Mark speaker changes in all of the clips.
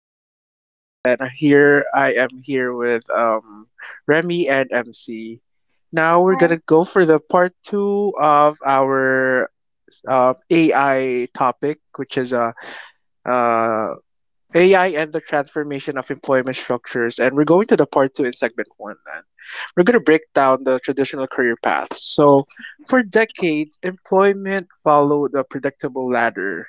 Speaker 1: podcast. I'm Sez, and I am here with Remy and MC. Now we're gonna
Speaker 2: Hi.
Speaker 1: go for the part two of our AI topic, which is uh AI and the transformation of employment structures. And we're going to the part two in segment one. Then we're going to break down the traditional career paths. So, for decades, employment followed a predictable ladder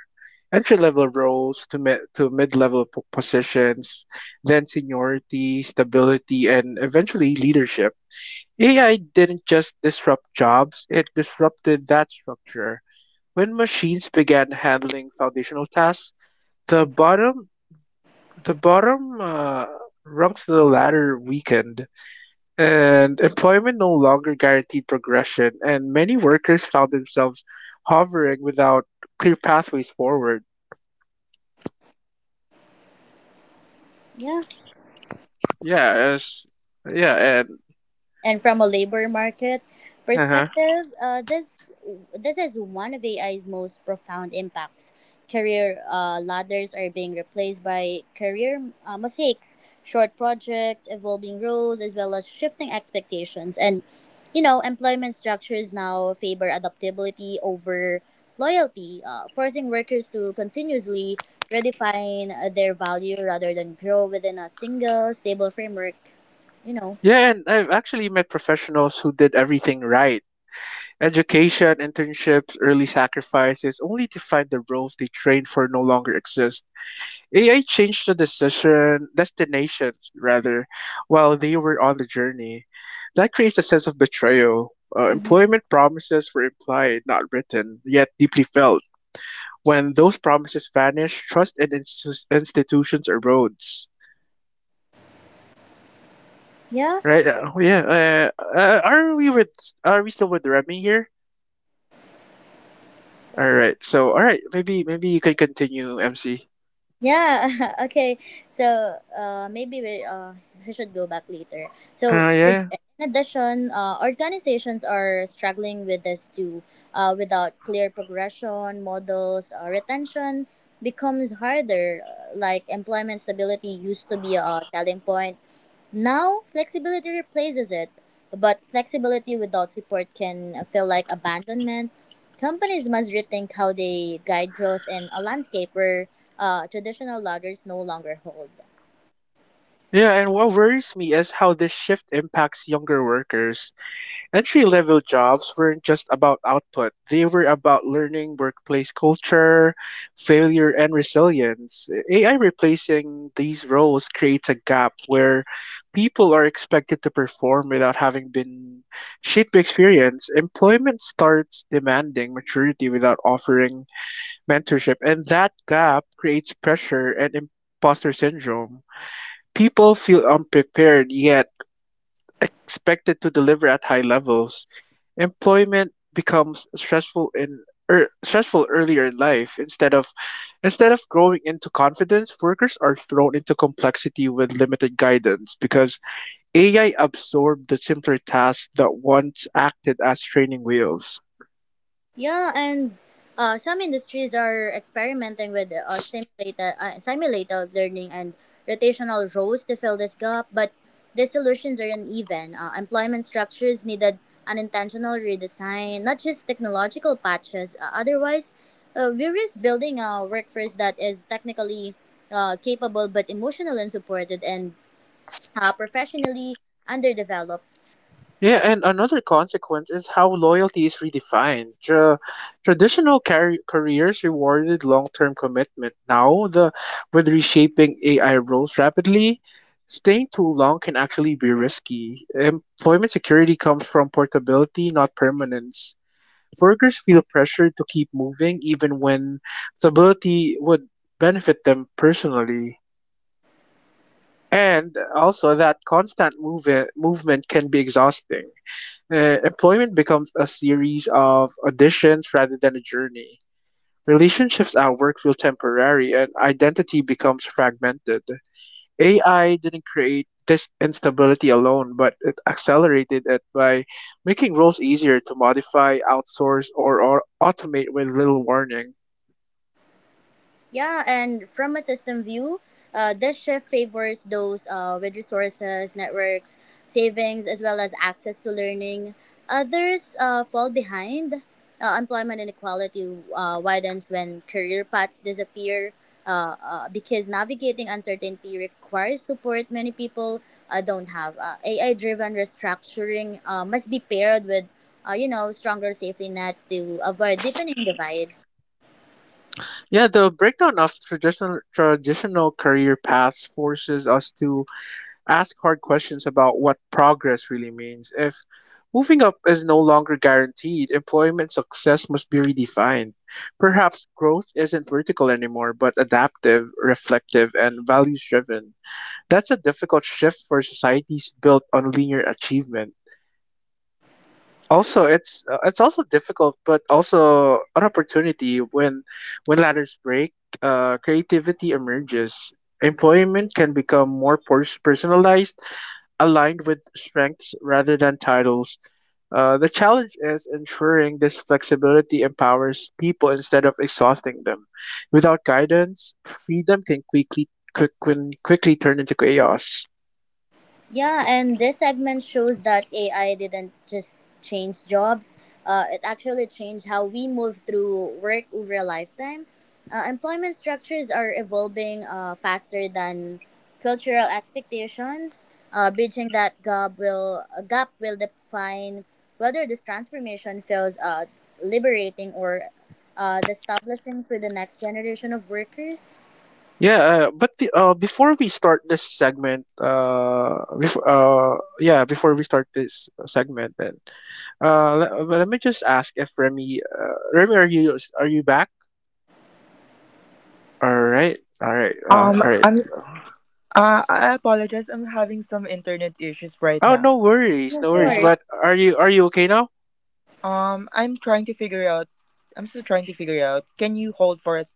Speaker 1: entry level roles to mid level positions, then seniority, stability, and eventually leadership. AI didn't just disrupt jobs, it disrupted that structure. When machines began handling foundational tasks, the bottom the bottom rungs of the ladder weakened, and employment no longer guaranteed progression, and many workers found themselves hovering without clear pathways forward.
Speaker 2: Yeah.
Speaker 1: Yeah, as yeah, and
Speaker 2: And from a labor market
Speaker 1: uh-huh.
Speaker 2: perspective, this is one of AI's most profound impacts. Career ladders are being replaced by career mistakes, short projects, evolving roles, as well as shifting expectations. And you know, employment structures now favor adaptability over loyalty, forcing workers to continuously redefine their value rather than grow within a single stable framework. You know.
Speaker 1: Yeah, and I've actually met professionals who did everything right. Education, internships, early sacrifices, only to find the roles they trained for no longer exist. AI changed the decision destinations rather while they were on the journey. That creates a sense of betrayal.
Speaker 2: Mhm.
Speaker 1: Employment promises were implied, not written, yet deeply felt. When those promises vanish, trust in institutions erodes.
Speaker 2: Yeah,
Speaker 1: Right? Yeah. Are we with? Are we still with Remy here? All right. So, all right. Maybe you can continue, MC.
Speaker 2: yeah. okay, so maybe we I should go back later. So
Speaker 1: Uh, yeah.
Speaker 2: or-
Speaker 1: Yeah,
Speaker 2: In addition, organizations are struggling with this too. Without clear progression models, retention becomes harder. Like employment stability used to be a selling point. Now, flexibility replaces it, but flexibility without support can feel like abandonment. Companies must rethink how they guide growth in a landscape where traditional ladders no longer hold.
Speaker 1: yeah, and what worries me is how this shift impacts younger workers. Entry level jobs weren't just about output, they were about learning workplace culture, failure, and resilience. AI replacing these roles creates a gap where people are expected to perform without having been shaped by experience. Employment starts demanding maturity without offering mentorship, and that gap creates pressure and imposter syndrome. People feel unprepared yet expected to deliver at high levels. Employment becomes stressful in stressful earlier in life instead of growing into confidence. Workers are thrown into complexity with limited guidance because AI absorbed the simpler tasks that once acted as training wheels.
Speaker 2: Yeah, and some industries are experimenting with simulated learning and rotational roles to fill this gap, but the solutions are uneven. Employment structures needed an intentional redesign, not just technological patches. Otherwise, we risk building a workforce that is technically capable but emotionally unsupported and professionally underdeveloped.
Speaker 1: Yeah, and another consequence is how loyalty is redefined. Careers rewarded long-term commitment. Now, the with reshaping AI roles rapidly, staying too long can actually be risky. Employment security comes from portability, not permanence. Workers feel pressured to keep moving even when stability would benefit them personally. And also that movement can be exhausting. Employment becomes a series of auditions rather than a journey. Relationships at work feel temporary and identity becomes fragmented. AI didn't create this instability alone, but it accelerated it by making roles easier to modify, outsource, or automate with little warning.
Speaker 2: Yeah, and from a system view, this shift favors those with resources, networks, savings, as well as access to learning. Others fall behind. Employment inequality widens when career paths disappear because navigating uncertainty requires support many people don't have. AI driven restructuring must be paired with you know, stronger safety nets to avoid deepening divides.
Speaker 1: Yeah, the breakdown of traditional career paths forces us to ask hard questions about what progress really means. If moving up is no longer guaranteed, employment success must be redefined. Perhaps growth isn't vertical anymore, but adaptive, reflective, and values driven. That's a difficult shift for societies built on linear achievement. Also, it's also difficult, but also an opportunity when ladders break, creativity emerges. Employment can become more personalized aligned with strengths rather than titles. The challenge is ensuring this flexibility empowers people instead of exhausting them. Without guidance, freedom can quickly turn into chaos.
Speaker 2: Yeah, and this segment shows that AI didn't just change jobs. It actually changed how we move through work over a lifetime. Employment structures are evolving faster than cultural expectations. Bridging that gap will define whether this transformation feels liberating or establishing for the next generation of workers.
Speaker 1: Yeah, but the, before we start this segment, bef- yeah, before we start this segment, then let me just ask if Remy, are you back?
Speaker 3: Um,
Speaker 1: All right.
Speaker 3: I'm I apologize. I'm having some internet issues right
Speaker 1: Oh,
Speaker 3: now.
Speaker 1: no worries,
Speaker 2: No,
Speaker 1: no
Speaker 2: no
Speaker 1: worries.
Speaker 2: worries.
Speaker 3: Yeah.
Speaker 1: But are you okay now?
Speaker 3: I'm trying to figure out. I'm still trying to figure out. Can you hold for a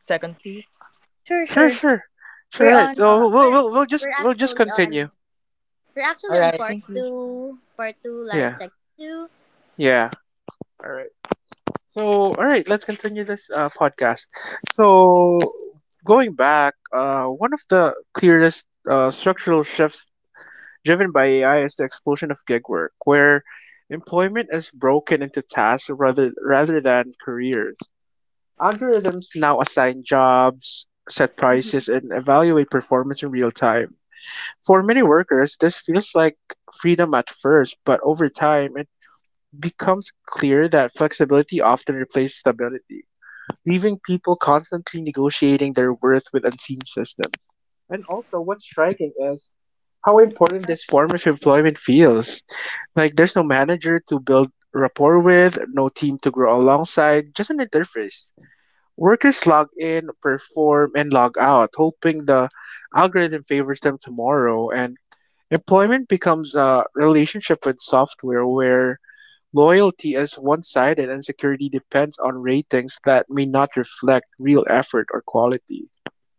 Speaker 3: second, please?
Speaker 2: Sure,
Speaker 1: Sure,
Speaker 2: sure.
Speaker 1: sure, sure.
Speaker 2: We're
Speaker 1: Right.
Speaker 2: on.
Speaker 1: So we'll we'll we'll just
Speaker 2: We're
Speaker 1: we'll just
Speaker 2: actually on
Speaker 1: continue.
Speaker 2: We're actually
Speaker 3: All
Speaker 2: on
Speaker 3: right. Thank you.
Speaker 2: part two, like
Speaker 1: Yeah,
Speaker 2: section two.
Speaker 1: yeah. All right. So, all right, let's continue this podcast. So, going back, one of the clearest structural shifts driven by AI is the explosion of gig work, where employment is broken into tasks rather than careers. Algorithms now assign jobs, set
Speaker 2: hmm
Speaker 1: prices, and evaluate performance in real time. For many workers, this feels like freedom at first, but over time, it becomes clear that flexibility often replaces stability, leaving people constantly negotiating their worth with unseen systems. And also, what's striking is how important this form of employment feels. Like, there's no manager to build rapport with, no team to grow alongside, just an interface. Workers log in, perform, and log out, hoping the algorithm favors them tomorrow. And employment becomes a relationship with software where loyalty is one sided, and security depends on ratings that may not reflect real effort or quality.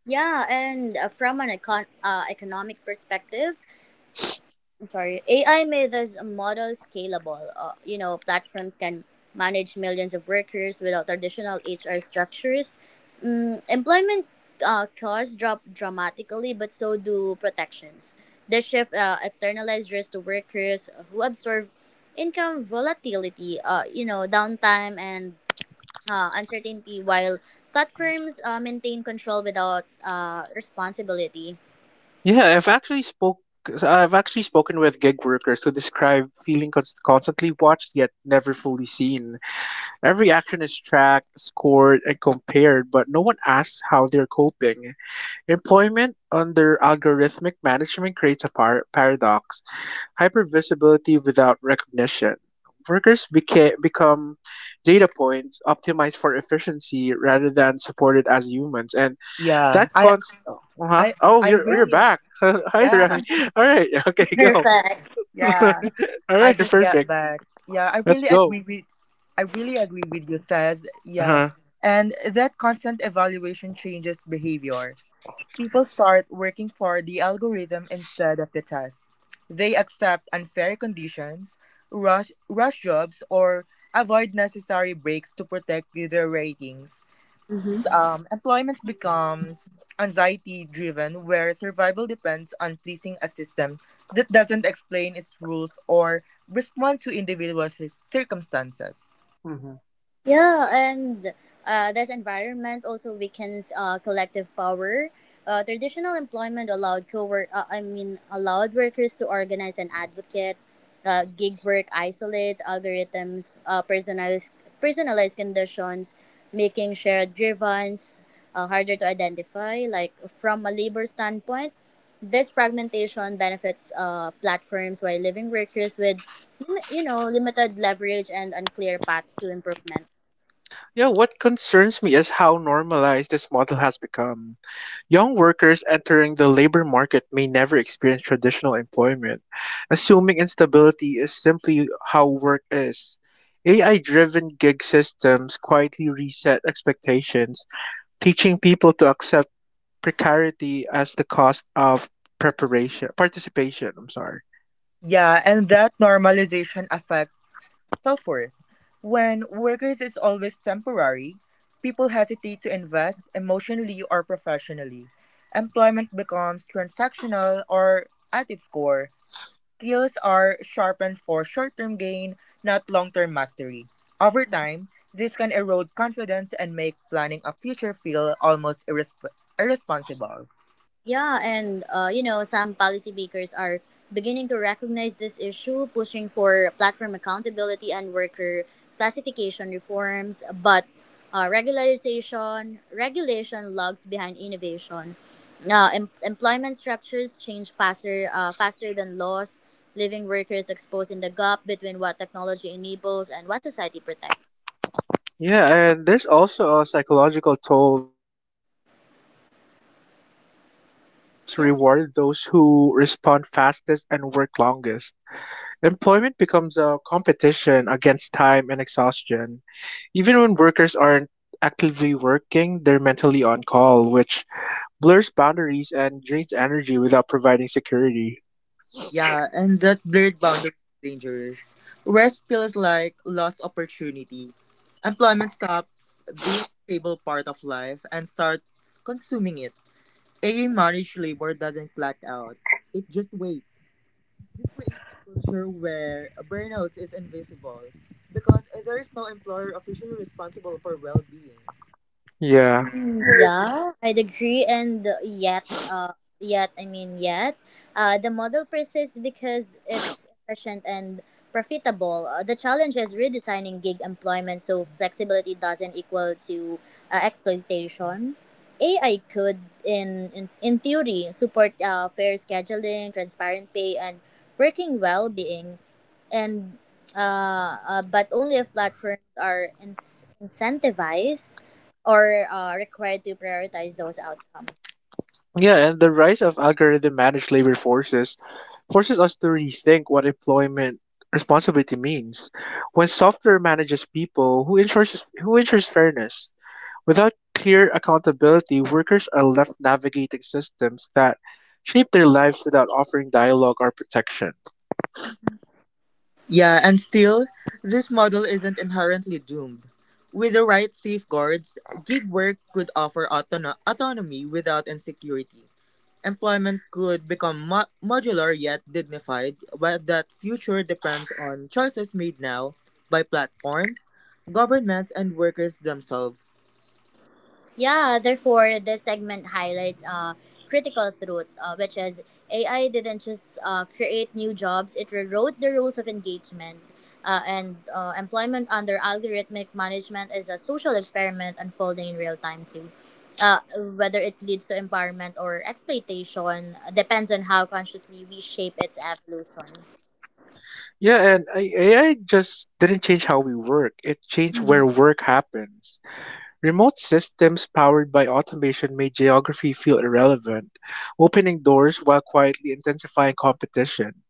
Speaker 2: Yeah, and from an economic perspective, I'm sorry, AI made this model scalable. You know, platforms can manage millions of workers without traditional HR structures. Employment costs drop dramatically, but so do protections. This shift externalized risk to workers who absorb income volatility, you know, downtime and uncertainty while platforms maintain control without responsibility.
Speaker 1: Yeah, I've actually spoke. I've actually spoken with gig workers who describe feeling constantly watched yet never fully seen. Every action is tracked, scored, and compared, but no one asks how they're coping. Employment under algorithmic management creates a paradox. Hypervisibility without recognition. Workers become data points optimized for efficiency rather than supported as humans, and
Speaker 3: Yeah.
Speaker 1: that const. Oh, uh-huh.
Speaker 3: I
Speaker 1: Oh,
Speaker 3: I
Speaker 1: you're
Speaker 2: Yeah,
Speaker 1: you're
Speaker 3: really ag-
Speaker 1: back. Hi,
Speaker 3: yeah
Speaker 1: Remy. All right. Okay,
Speaker 3: yeah
Speaker 1: go.
Speaker 2: perfect.
Speaker 1: All
Speaker 3: yeah. I
Speaker 1: right.
Speaker 3: just got
Speaker 1: Perfect.
Speaker 3: back. Yeah. I
Speaker 1: Let's
Speaker 3: really
Speaker 1: go.
Speaker 3: agree with. I really agree with you, says
Speaker 1: Uh
Speaker 3: yeah.
Speaker 1: huh.
Speaker 3: And that constant evaluation changes behavior. People start working for the algorithm instead of the task. They accept unfair conditions, rush jobs, or avoid necessary breaks to protect their ratings.
Speaker 2: Mhm.
Speaker 3: Employment becomes anxiety driven, where survival depends on pleasing a system that doesn't explain its rules or respond to individual circumstances.
Speaker 1: Hmm.
Speaker 2: Yeah, and this environment also weakens collective power. Traditional employment allowed allowed workers to organize and advocate. Gig work isolates algorithms, personalized conditions, making shared grievance harder to identify. Like from a labor standpoint, this fragmentation benefits platforms while leaving workers with, you know, limited leverage and unclear paths to improvement.
Speaker 1: Yeah. What concerns me is how normalized this model has become. Young workers entering the labor market may never experience traditional employment, assuming instability is simply how work is. AI driven gig systems quietly reset expectations, teaching people to accept precarity as the cost of preparation participation, I'm sorry.
Speaker 3: Yeah, and that normalization affects self worth. When workers is always temporary, people hesitate to invest emotionally or professionally. Employment becomes transactional or at its core. Skills are sharpened for short term gain, not long term mastery. Over time, this can erode confidence and make planning a future feel almost irresponsible.
Speaker 2: Yeah, and you know, some policymakers are beginning to recognize this issue, pushing for platform accountability and worker classification reforms. But regularization regulation lags behind innovation. Employment structures change faster, faster than laws, leaving workers exposed in the gap between what technology enables and what society protects.
Speaker 1: Yeah, and there's also a psychological toll to constant availability. Gig platforms
Speaker 2: Yeah.
Speaker 1: reward those who respond fastest and work longest. Employment becomes a competition against time and exhaustion. Even when workers aren't actively working, they're mentally on call, which blurs boundaries and drains energy without providing security.
Speaker 3: Yeah, and that blurred boundary is dangerous. Rest feels like lost opportunity. Employment stops being a stable part of life and starts consuming it. A managed labor doesn't black out, it just waits. This creates a culture where burnout is invisible because there is no employer officially responsible for well being.
Speaker 1: Yeah.
Speaker 2: Yeah, I'd agree. And yet, the model persists because it's efficient and profitable. The challenge is redesigning gig employment so flexibility doesn't equal to exploitation. AI could, in theory, support fair scheduling, transparent pay, and working well-being and but only if platforms are incentivized or required to prioritize those outcomes.
Speaker 1: Yeah, and the rise of algorithm managed labor forces us to rethink what employment responsibility means. When software manages people, who ensures fairness? Without clear accountability, workers are left navigating systems that shape their lives without offering dialogue or protection.
Speaker 3: Yeah, and still, this model isn't inherently doomed. With the right safeguards, gig work could offer autonomy without insecurity. Employment could become modular yet dignified, but that future depends on choices made now by platforms, governments, and workers themselves.
Speaker 2: Yeah, therefore, this segment highlights critical truth, which is AI didn't just create new jobs, it rewrote the rules of engagement. And employment under algorithmic management is a social experiment unfolding in real time, too. Uh, Whether it leads to empowerment or exploitation depends on how consciously we shape its evolution.
Speaker 1: Yeah, and AI just didn't change how we work, it changed where work happens. Remote systems powered by automation made geography feel irrelevant, opening doors while quietly intensifying competition.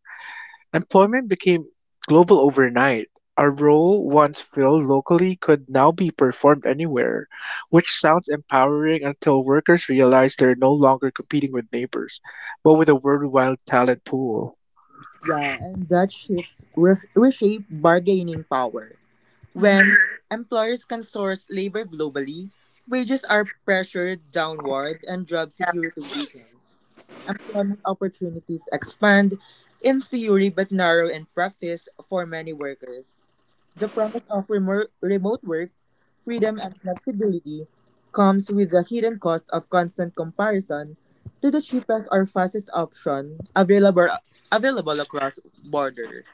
Speaker 1: Employment became global overnight. A role once filled locally could now be performed anywhere, which sounds empowering until workers realize they're no longer competing with neighbors, but with a worldwide talent pool.
Speaker 3: Yeah, and that shifts reshape bargaining power.
Speaker 2: Mm-hmm.
Speaker 3: When employers can source labor globally, wages are pressured downward and job security weakens. Employment opportunities expand in theory but narrow in practice for many workers. The promise of remote work, freedom, and flexibility comes with the hidden cost of constant comparison to the cheapest or fastest option available across borders.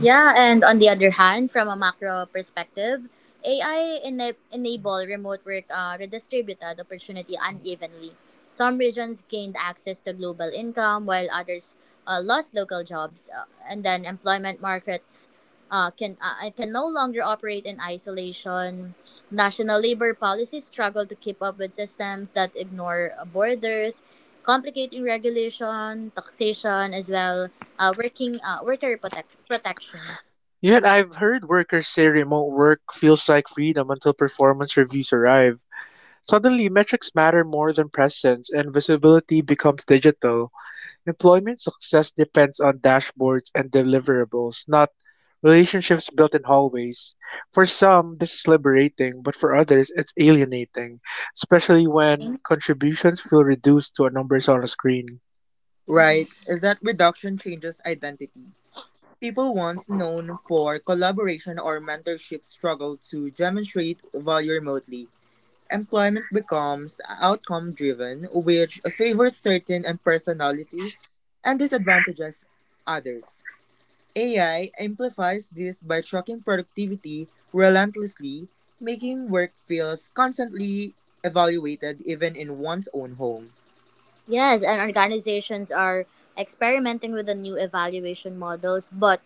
Speaker 2: Yeah, and on the other hand, from a macro perspective, enable remote work redistributed opportunity unevenly. Some regions gained access to global income, while others lost local jobs, and then employment markets can no longer operate in isolation. National labor policies struggle to keep up with systems that ignore borders, complicating regulation, taxation, as well working worker protections.
Speaker 1: Yet I've heard workers say remote work feels like freedom until performance reviews arrive. Suddenly, metrics matter more than presence, and visibility becomes digital. Employment success depends on dashboards and deliverables, not relationships built in hallways. For some, this is liberating, but for others, it's alienating, especially when contributions feel reduced to a numbers on a screen.
Speaker 2: Mhm.
Speaker 3: Right, is that reduction changes identity. People once known for collaboration or mentorship struggle to demonstrate value remotely. Employment becomes outcome driven, which favors certain personalities and disadvantages others. AI amplifies this by tracking productivity relentlessly, making work feels constantly evaluated even in one's own home.
Speaker 2: Yes, and organizations are experimenting with the new evaluation models, but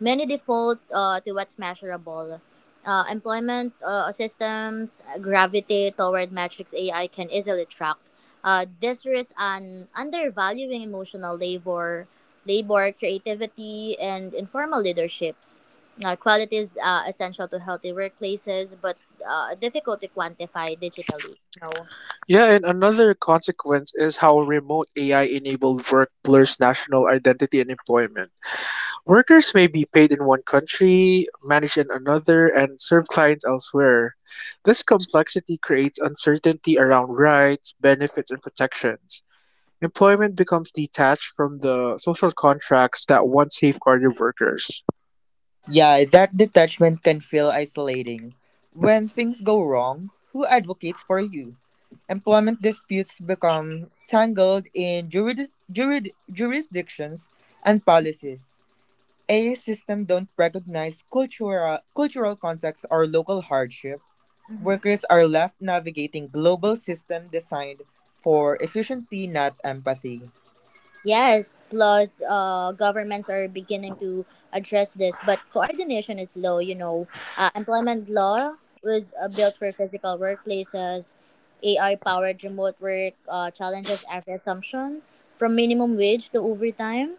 Speaker 2: many default to what's measurable. Employment systems gravitate toward metrics AI can easily track. This risks an undervaluing emotional labor, labor creativity, and informal leaderships. Qualities essential to healthy workplaces, but difficult to quantify digitally.
Speaker 1: Yeah, and another consequence is how remote AI enabled work blurs national identity and employment. Workers may be paid in one country, managed in another, and serve clients elsewhere. This complexity creates uncertainty around rights, benefits, and protections. Employment becomes detached from the social contracts that once safeguarded workers.
Speaker 3: Yeah, that detachment can feel isolating. When things go wrong, who advocates for you? Employment disputes become tangled in jurisdictions and policies. A system don't recognize cultural context or local hardship. Workers are left navigating global system designed for efficiency, not empathy.
Speaker 2: Yes, plus governments are beginning to address this, but coordination is low, you know. Employment law was built for physical workplaces. AI powered remote work challenges every assumption from minimum wage to overtime.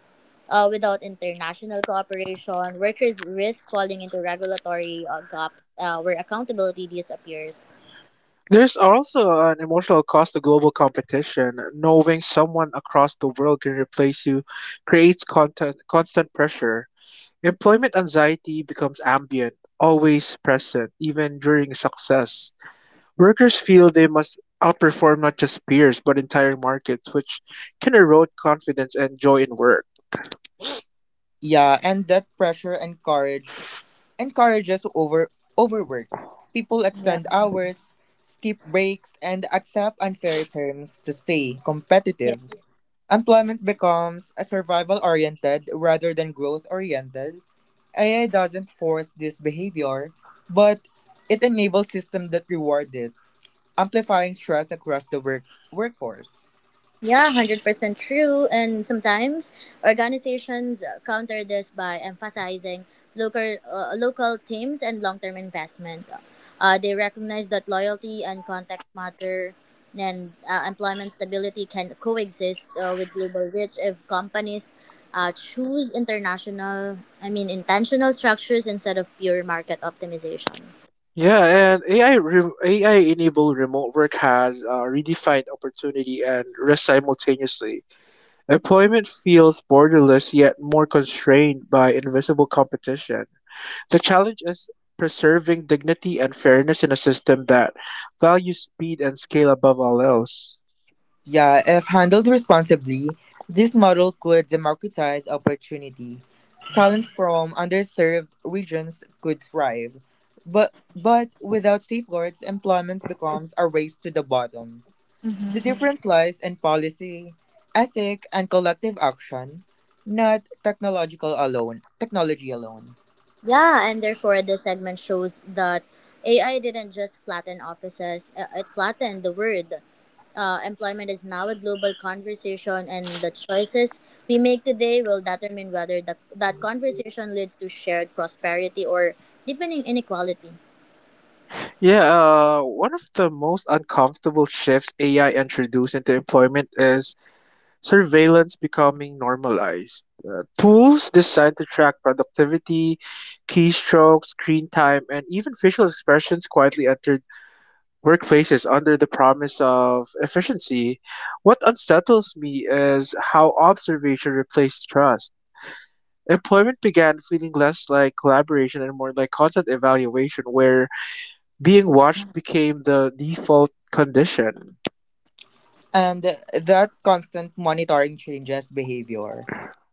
Speaker 2: Without international cooperation, workers risk falling into regulatory gaps where accountability disappears.
Speaker 1: There's also an emotional cost to global competition. Knowing someone across the world can replace you creates content, constant pressure. Employment anxiety becomes ambient, always present, even during success. Workers feel they must outperform not just peers, but entire markets, which can erode confidence and joy in work.
Speaker 3: Yeah, and that pressure encourages overwork. People
Speaker 2: Yeah.
Speaker 3: extend hours, skip breaks, and accept unfair terms to stay competitive. Employment becomes a survival oriented rather than growth oriented. AI doesn't force this behavior, but it enables systems that reward it, amplifying stress across the workforce.
Speaker 2: Yeah, 100% true. And sometimes organizations counter this by emphasizing local teams and long term investment. They recognize that loyalty and context matter, and employment stability can coexist with global reach if companies choose intentional structures instead of pure market optimization.
Speaker 1: Yeah, and AI enabled remote work has redefined opportunity and risk simultaneously. Employment feels borderless yet more constrained by invisible competition. The challenge is preserving dignity and fairness in a system that values speed and scale above all else.
Speaker 3: Yeah, if handled responsibly, this model could democratize opportunity. Talents from underserved regions could thrive. But without safeguards, employment becomes a race to the bottom. The difference lies in policy, ethic, and collective action, not technological alone, technology alone.
Speaker 2: Yeah, and therefore this segment shows that AI didn't just flatten offices, it flattened the world. Employment is now a global conversation, and the choices we make today will determine whether that conversation leads to shared prosperity or deepening inequality.
Speaker 1: Yeah, One of the most uncomfortable shifts AI introduced into employment is surveillance becoming normalized. Tools designed to track productivity, keystrokes, screen time, and even facial expressions quietly entered workplaces under the promise of efficiency. What unsettles me is how observation replaced trust. Employment began feeling less like collaboration and more like constant evaluation, where being watched became the default condition.
Speaker 3: And that constant monitoring changes behavior.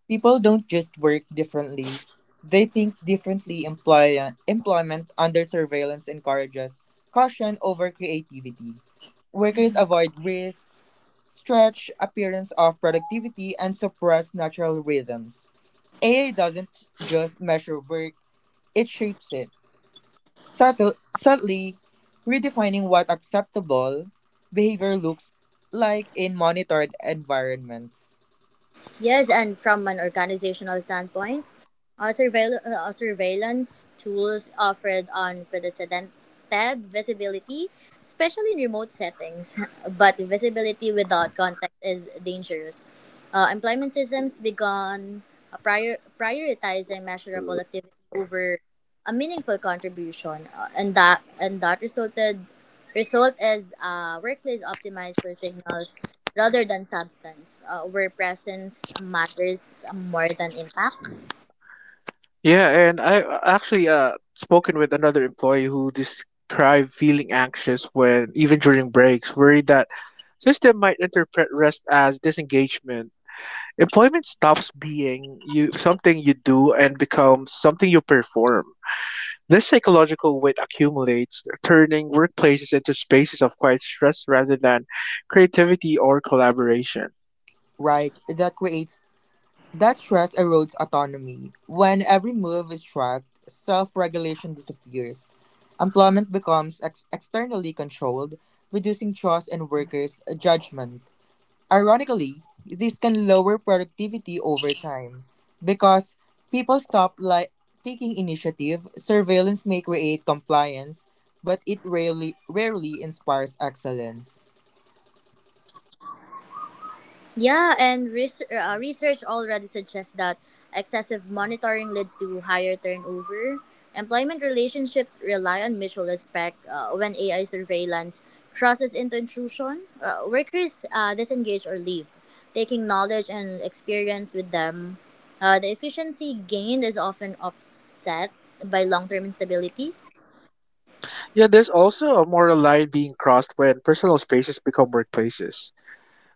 Speaker 3: People don't just work differently, they think differently. Employment under surveillance encourages caution over creativity. Workers avoid risks, stretch appearance of productivity, and suppress natural rhythms. AI doesn't just measure work, it shapes it. Subtly redefining what acceptable behavior looks like in monitored environments.
Speaker 2: Yes, and from an organizational standpoint, surveillance tools offered unprecedented visibility, especially in remote settings. But visibility without context is dangerous. Employment systems began prioritizing measurable activity over a meaningful contribution, and that resulted result is a workplace optimized for signals rather than substance, where presence matters more than impact.
Speaker 1: Yeah, and I actually spoken with another employee who described feeling anxious when even during breaks, worried that system might interpret rest as disengagement. Employment stops being you something you do and becomes something you perform. This psychological weight accumulates, turning workplaces into spaces of quiet stress rather than creativity or collaboration.
Speaker 3: Right, that creates That stress erodes autonomy. When every move is tracked, self regulation disappears. Employment becomes externally controlled, reducing trust in workers' judgment. Ironically, this can lower productivity over time because people taking initiative. Surveillance may create compliance, but it rarely inspires excellence.
Speaker 2: Yeah, and research already suggests that excessive monitoring leads to higher turnover. Employment relationships rely on mutual respect when AI surveillance crosses into intrusion. Workers disengage or leave, taking knowledge and experience with them. The efficiency gained is often offset by long term instability.
Speaker 1: Yeah, there's also a moral line being crossed when personal spaces become workplaces.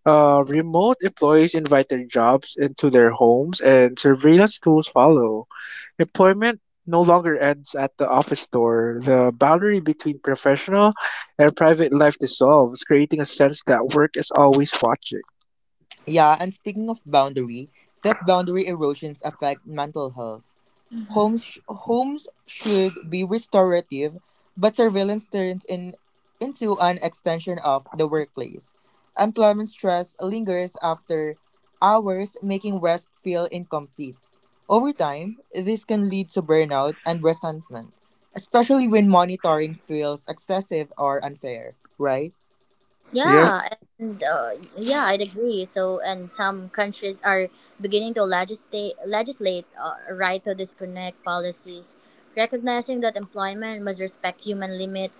Speaker 1: Remote employees invite their jobs into their homes, and surveillance tools follow. Employment no longer ends at the office door. The boundary between professional and private life dissolves, creating a sense that work is always watching.
Speaker 3: Yeah, and speaking of boundary, that boundary erosions affect mental health. Homes should be restorative, but surveillance into an extension of the workplace. Employment stress lingers after hours, making rest feel incomplete. Over time, this can lead to burnout and resentment, especially when monitoring feels excessive or unfair, right?
Speaker 1: Yep.
Speaker 2: Yeah, and uh, yeah, I'd agree. So, and some countries are beginning to legislate a right to disconnect policies, recognizing that employment must respect human limits.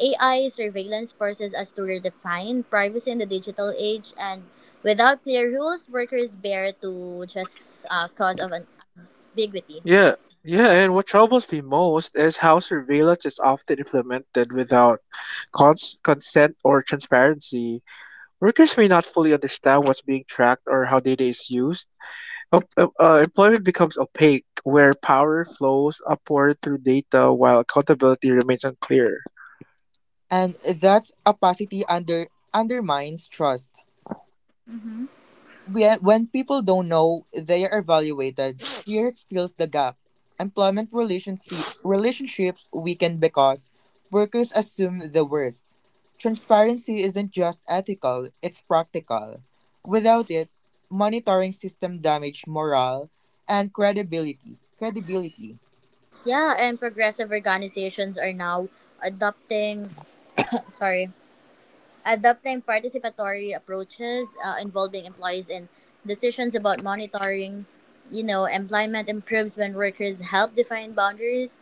Speaker 2: AI surveillance forces us to redefine privacy in the digital age, and without clear rules, workers bear to just cause of an ambiguity.
Speaker 1: Yeah. Yeah, and what troubles me most is how surveillance is often implemented without consent or transparency. Workers may not fully understand what's being tracked or how data is used. Employment becomes opaque, where power flows upward through data while accountability remains unclear.
Speaker 3: And that's opacity under undermines trust.
Speaker 2: Mm-hmm.
Speaker 3: When people don't know they are evaluated, fear fills the gap. Employment relationships weaken because workers assume the worst. Transparency isn't just ethical, it's practical. Without it, monitoring system damage morale and credibility. Credibility.
Speaker 2: Yeah, and progressive organizations are now adopting. sorry adopting participatory approaches involving employees in decisions about monitoring. You know, employment improves when workers help define boundaries.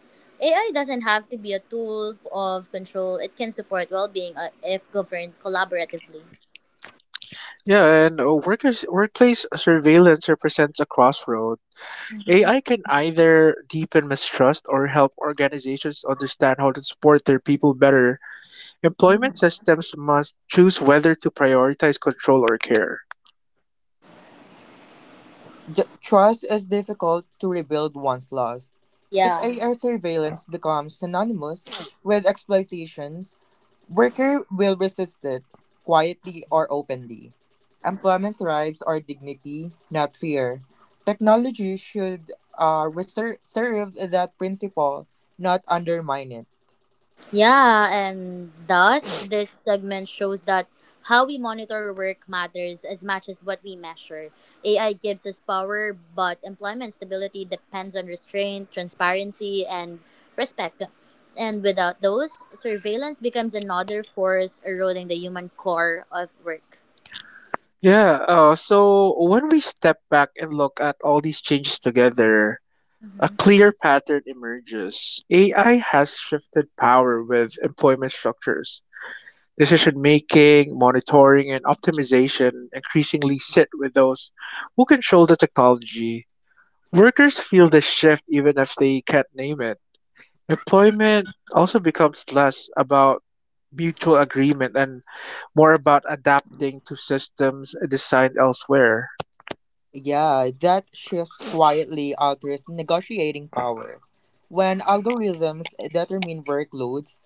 Speaker 2: AI doesn't have to be a of control. It can support well-being if governed collaboratively.
Speaker 1: Yeah, and workers workplace surveillance represents a crossroad. AI can either deepen mistrust or help organizations understand how to support their people better. Employment systems must choose whether to prioritize control or care.
Speaker 3: Trust is difficult to rebuild once lost. If
Speaker 2: Yeah.
Speaker 3: AR surveillance becomes synonymous with exploitation, worker will resist it, quietly or openly. Employment thrives on dignity, not fear. Technology should serve that principle, not undermine it.
Speaker 2: Yeah, and thus this segment shows that how we monitor work matters as much as what we measure. AI gives us power, but employment stability depends on restraint, transparency, and respect. And without those, surveillance becomes another force eroding the human core of work.
Speaker 1: Yeah, so when we step back and look at all these changes together, a clear pattern emerges. AI has shifted power with employment structures. Decision making, monitoring, and optimization increasingly sit with those who control the technology. Workers feel the shift even if they can't name it. Employment also becomes less about mutual agreement and more about adapting to systems designed elsewhere.
Speaker 3: Yeah, that shift quietly alters negotiating power. When algorithms determine workloads,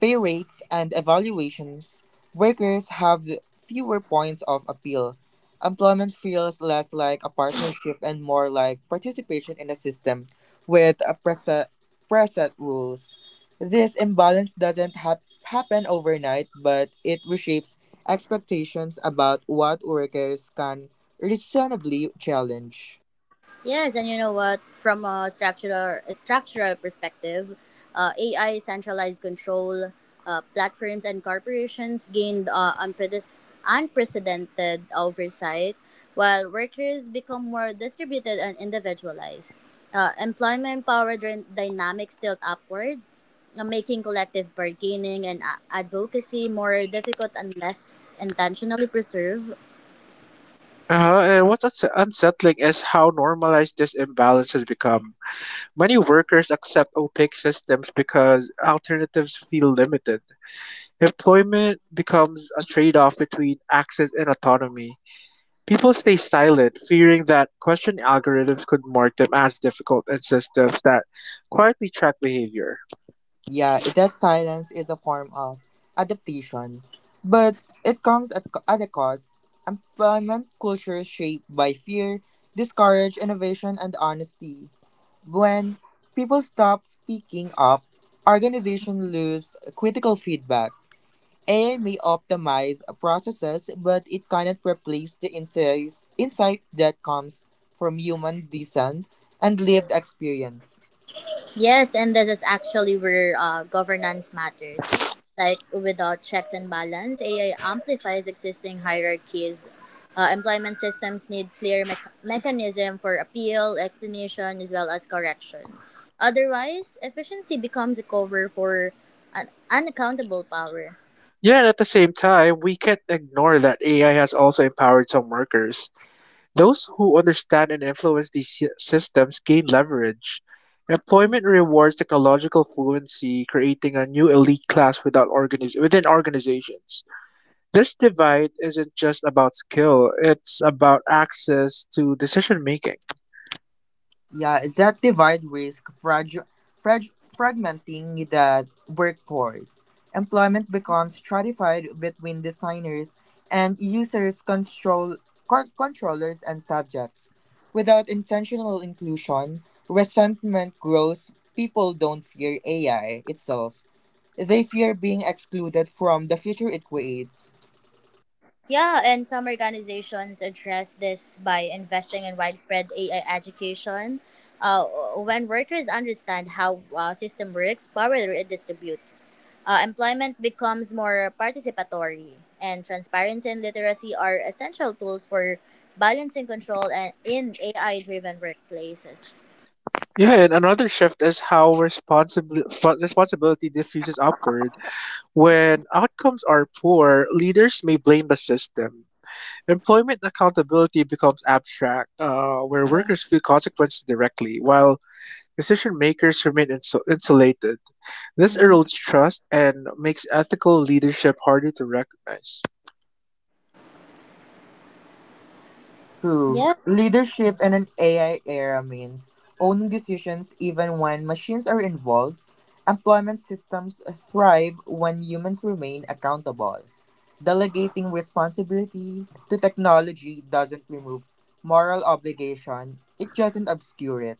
Speaker 3: pay rates, and evaluations, workers have the fewer points of appeal. Employment feels less like a partnership and more like participation in a system with a preset rules. This imbalance doesn't happen overnight, but it reshapes expectations about what workers can reasonably challenged.
Speaker 2: Yes, and you know what? From a structural perspective, AI centralized control. Platforms and corporations gained unprecedented oversight, while workers become more distributed and individualized. Employment power dynamics tilt upward, making collective bargaining and advocacy more difficult unless intentionally preserved.
Speaker 1: Uh-huh. And what's unsettling is how normalized this imbalance has become. Many workers accept opaque systems because alternatives feel limited. Employment becomes a trade off between access and autonomy. People stay silent, fearing that question algorithms could mark them as difficult and systems that quietly track behavior.
Speaker 3: Yeah, that silence is a form of adaptation, but it at a cost. Employment culture is shaped by fear, discourage innovation and honesty. When people stop speaking up, organizations lose critical feedback. AI may optimize processes, but it cannot replace the insight that comes from human design and lived experience.
Speaker 2: Yes, and this is actually where governance matters. Like without checks and balance, AI amplifies existing hierarchies. Employment systems need clear mechanism for appeal, explanation, as well as correction. Otherwise, efficiency becomes a cover for an unaccountable power.
Speaker 1: Yet at the same time, we can't ignore that AI has also empowered some workers. Those who understand and influence these systems gain leverage. Employment rewards technological fluency, creating a new elite class without organiz- within organizations. This divide isn't just about skill, it's about access to decision making.
Speaker 3: Yeah, that divide risk fragmenting the workforce. Employment becomes stratified between designers and users, controllers, and subjects. Without intentional inclusion, resentment grows. People don't fear AI itself; they fear being excluded from the future it creates.
Speaker 2: Yeah, and some organizations address this by investing in widespread AI education. Uh, when workers understand how system works, power redistributes. Employment becomes more participatory, and transparency and literacy are essential tools for balancing control and in AI-driven workplaces.
Speaker 1: Yeah, and another shift is how responsibility diffuses upward. When outcomes are poor, leaders may blame the system. Employment accountability becomes abstract, where workers feel consequences directly, while decision makers remain insulated. This erodes trust and makes ethical leadership harder to recognize.
Speaker 3: True.
Speaker 2: Yeah.
Speaker 3: Leadership in an AI era means owning decisions even when machines are involved. Employment systems thrive when humans remain accountable. Delegating responsibility to technology doesn't remove moral obligation, it doesn't obscure it.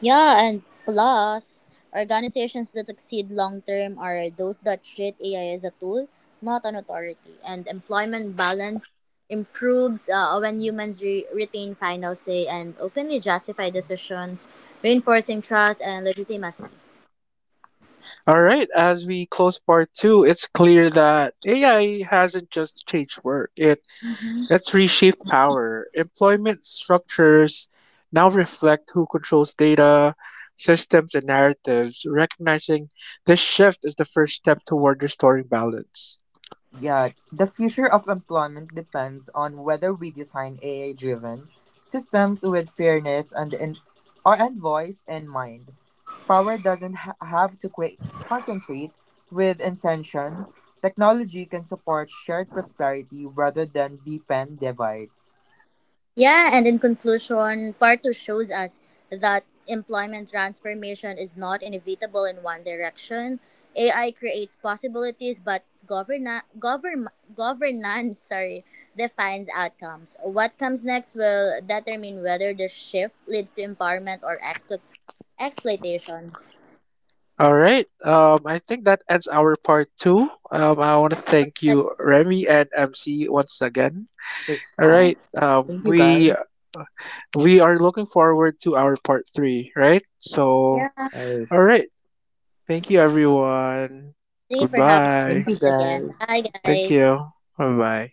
Speaker 2: Yeah, and plus, organizations that succeed long term are those that treat AI as a tool, not an authority. And employment balance improves when humans retain final say and openly justify decisions, reinforcing trust and legitimacy.
Speaker 1: All right, as we close part two, it's clear that AI hasn't just changed work, it let's reshape power. Employment structures now reflect who controls data, systems, and narratives. Recognizing this shift is the first step toward restoring balance.
Speaker 3: Yeah, the future of employment depends on whether we design AI-driven systems with fairness and voice in mind. Power doesn't have to concentrate with intention. Technology can support shared prosperity rather than deepen divides.
Speaker 2: Yeah, and in conclusion, part two shows us that employment transformation is not inevitable in one direction. AI creates possibilities, but governance, sorry, defines outcomes. What comes next will determine whether the shift leads to empowerment or exploitation.
Speaker 1: All right. I think that ends our part two. I want to thank
Speaker 2: But
Speaker 1: you, Remy and MC, once again.
Speaker 3: Th-
Speaker 1: All
Speaker 3: uh,
Speaker 2: Yeah,
Speaker 1: right.
Speaker 3: thank you guys.
Speaker 1: We are looking forward to our part three. Right. So,
Speaker 2: yeah.
Speaker 3: Uh,
Speaker 1: all right. Thank you, everyone.
Speaker 2: Thank you for having us
Speaker 3: Thank
Speaker 1: Goodbye.
Speaker 3: you
Speaker 2: once again.
Speaker 3: guys.
Speaker 2: Bye,
Speaker 1: Thank
Speaker 2: guys.
Speaker 1: you. Bye bye.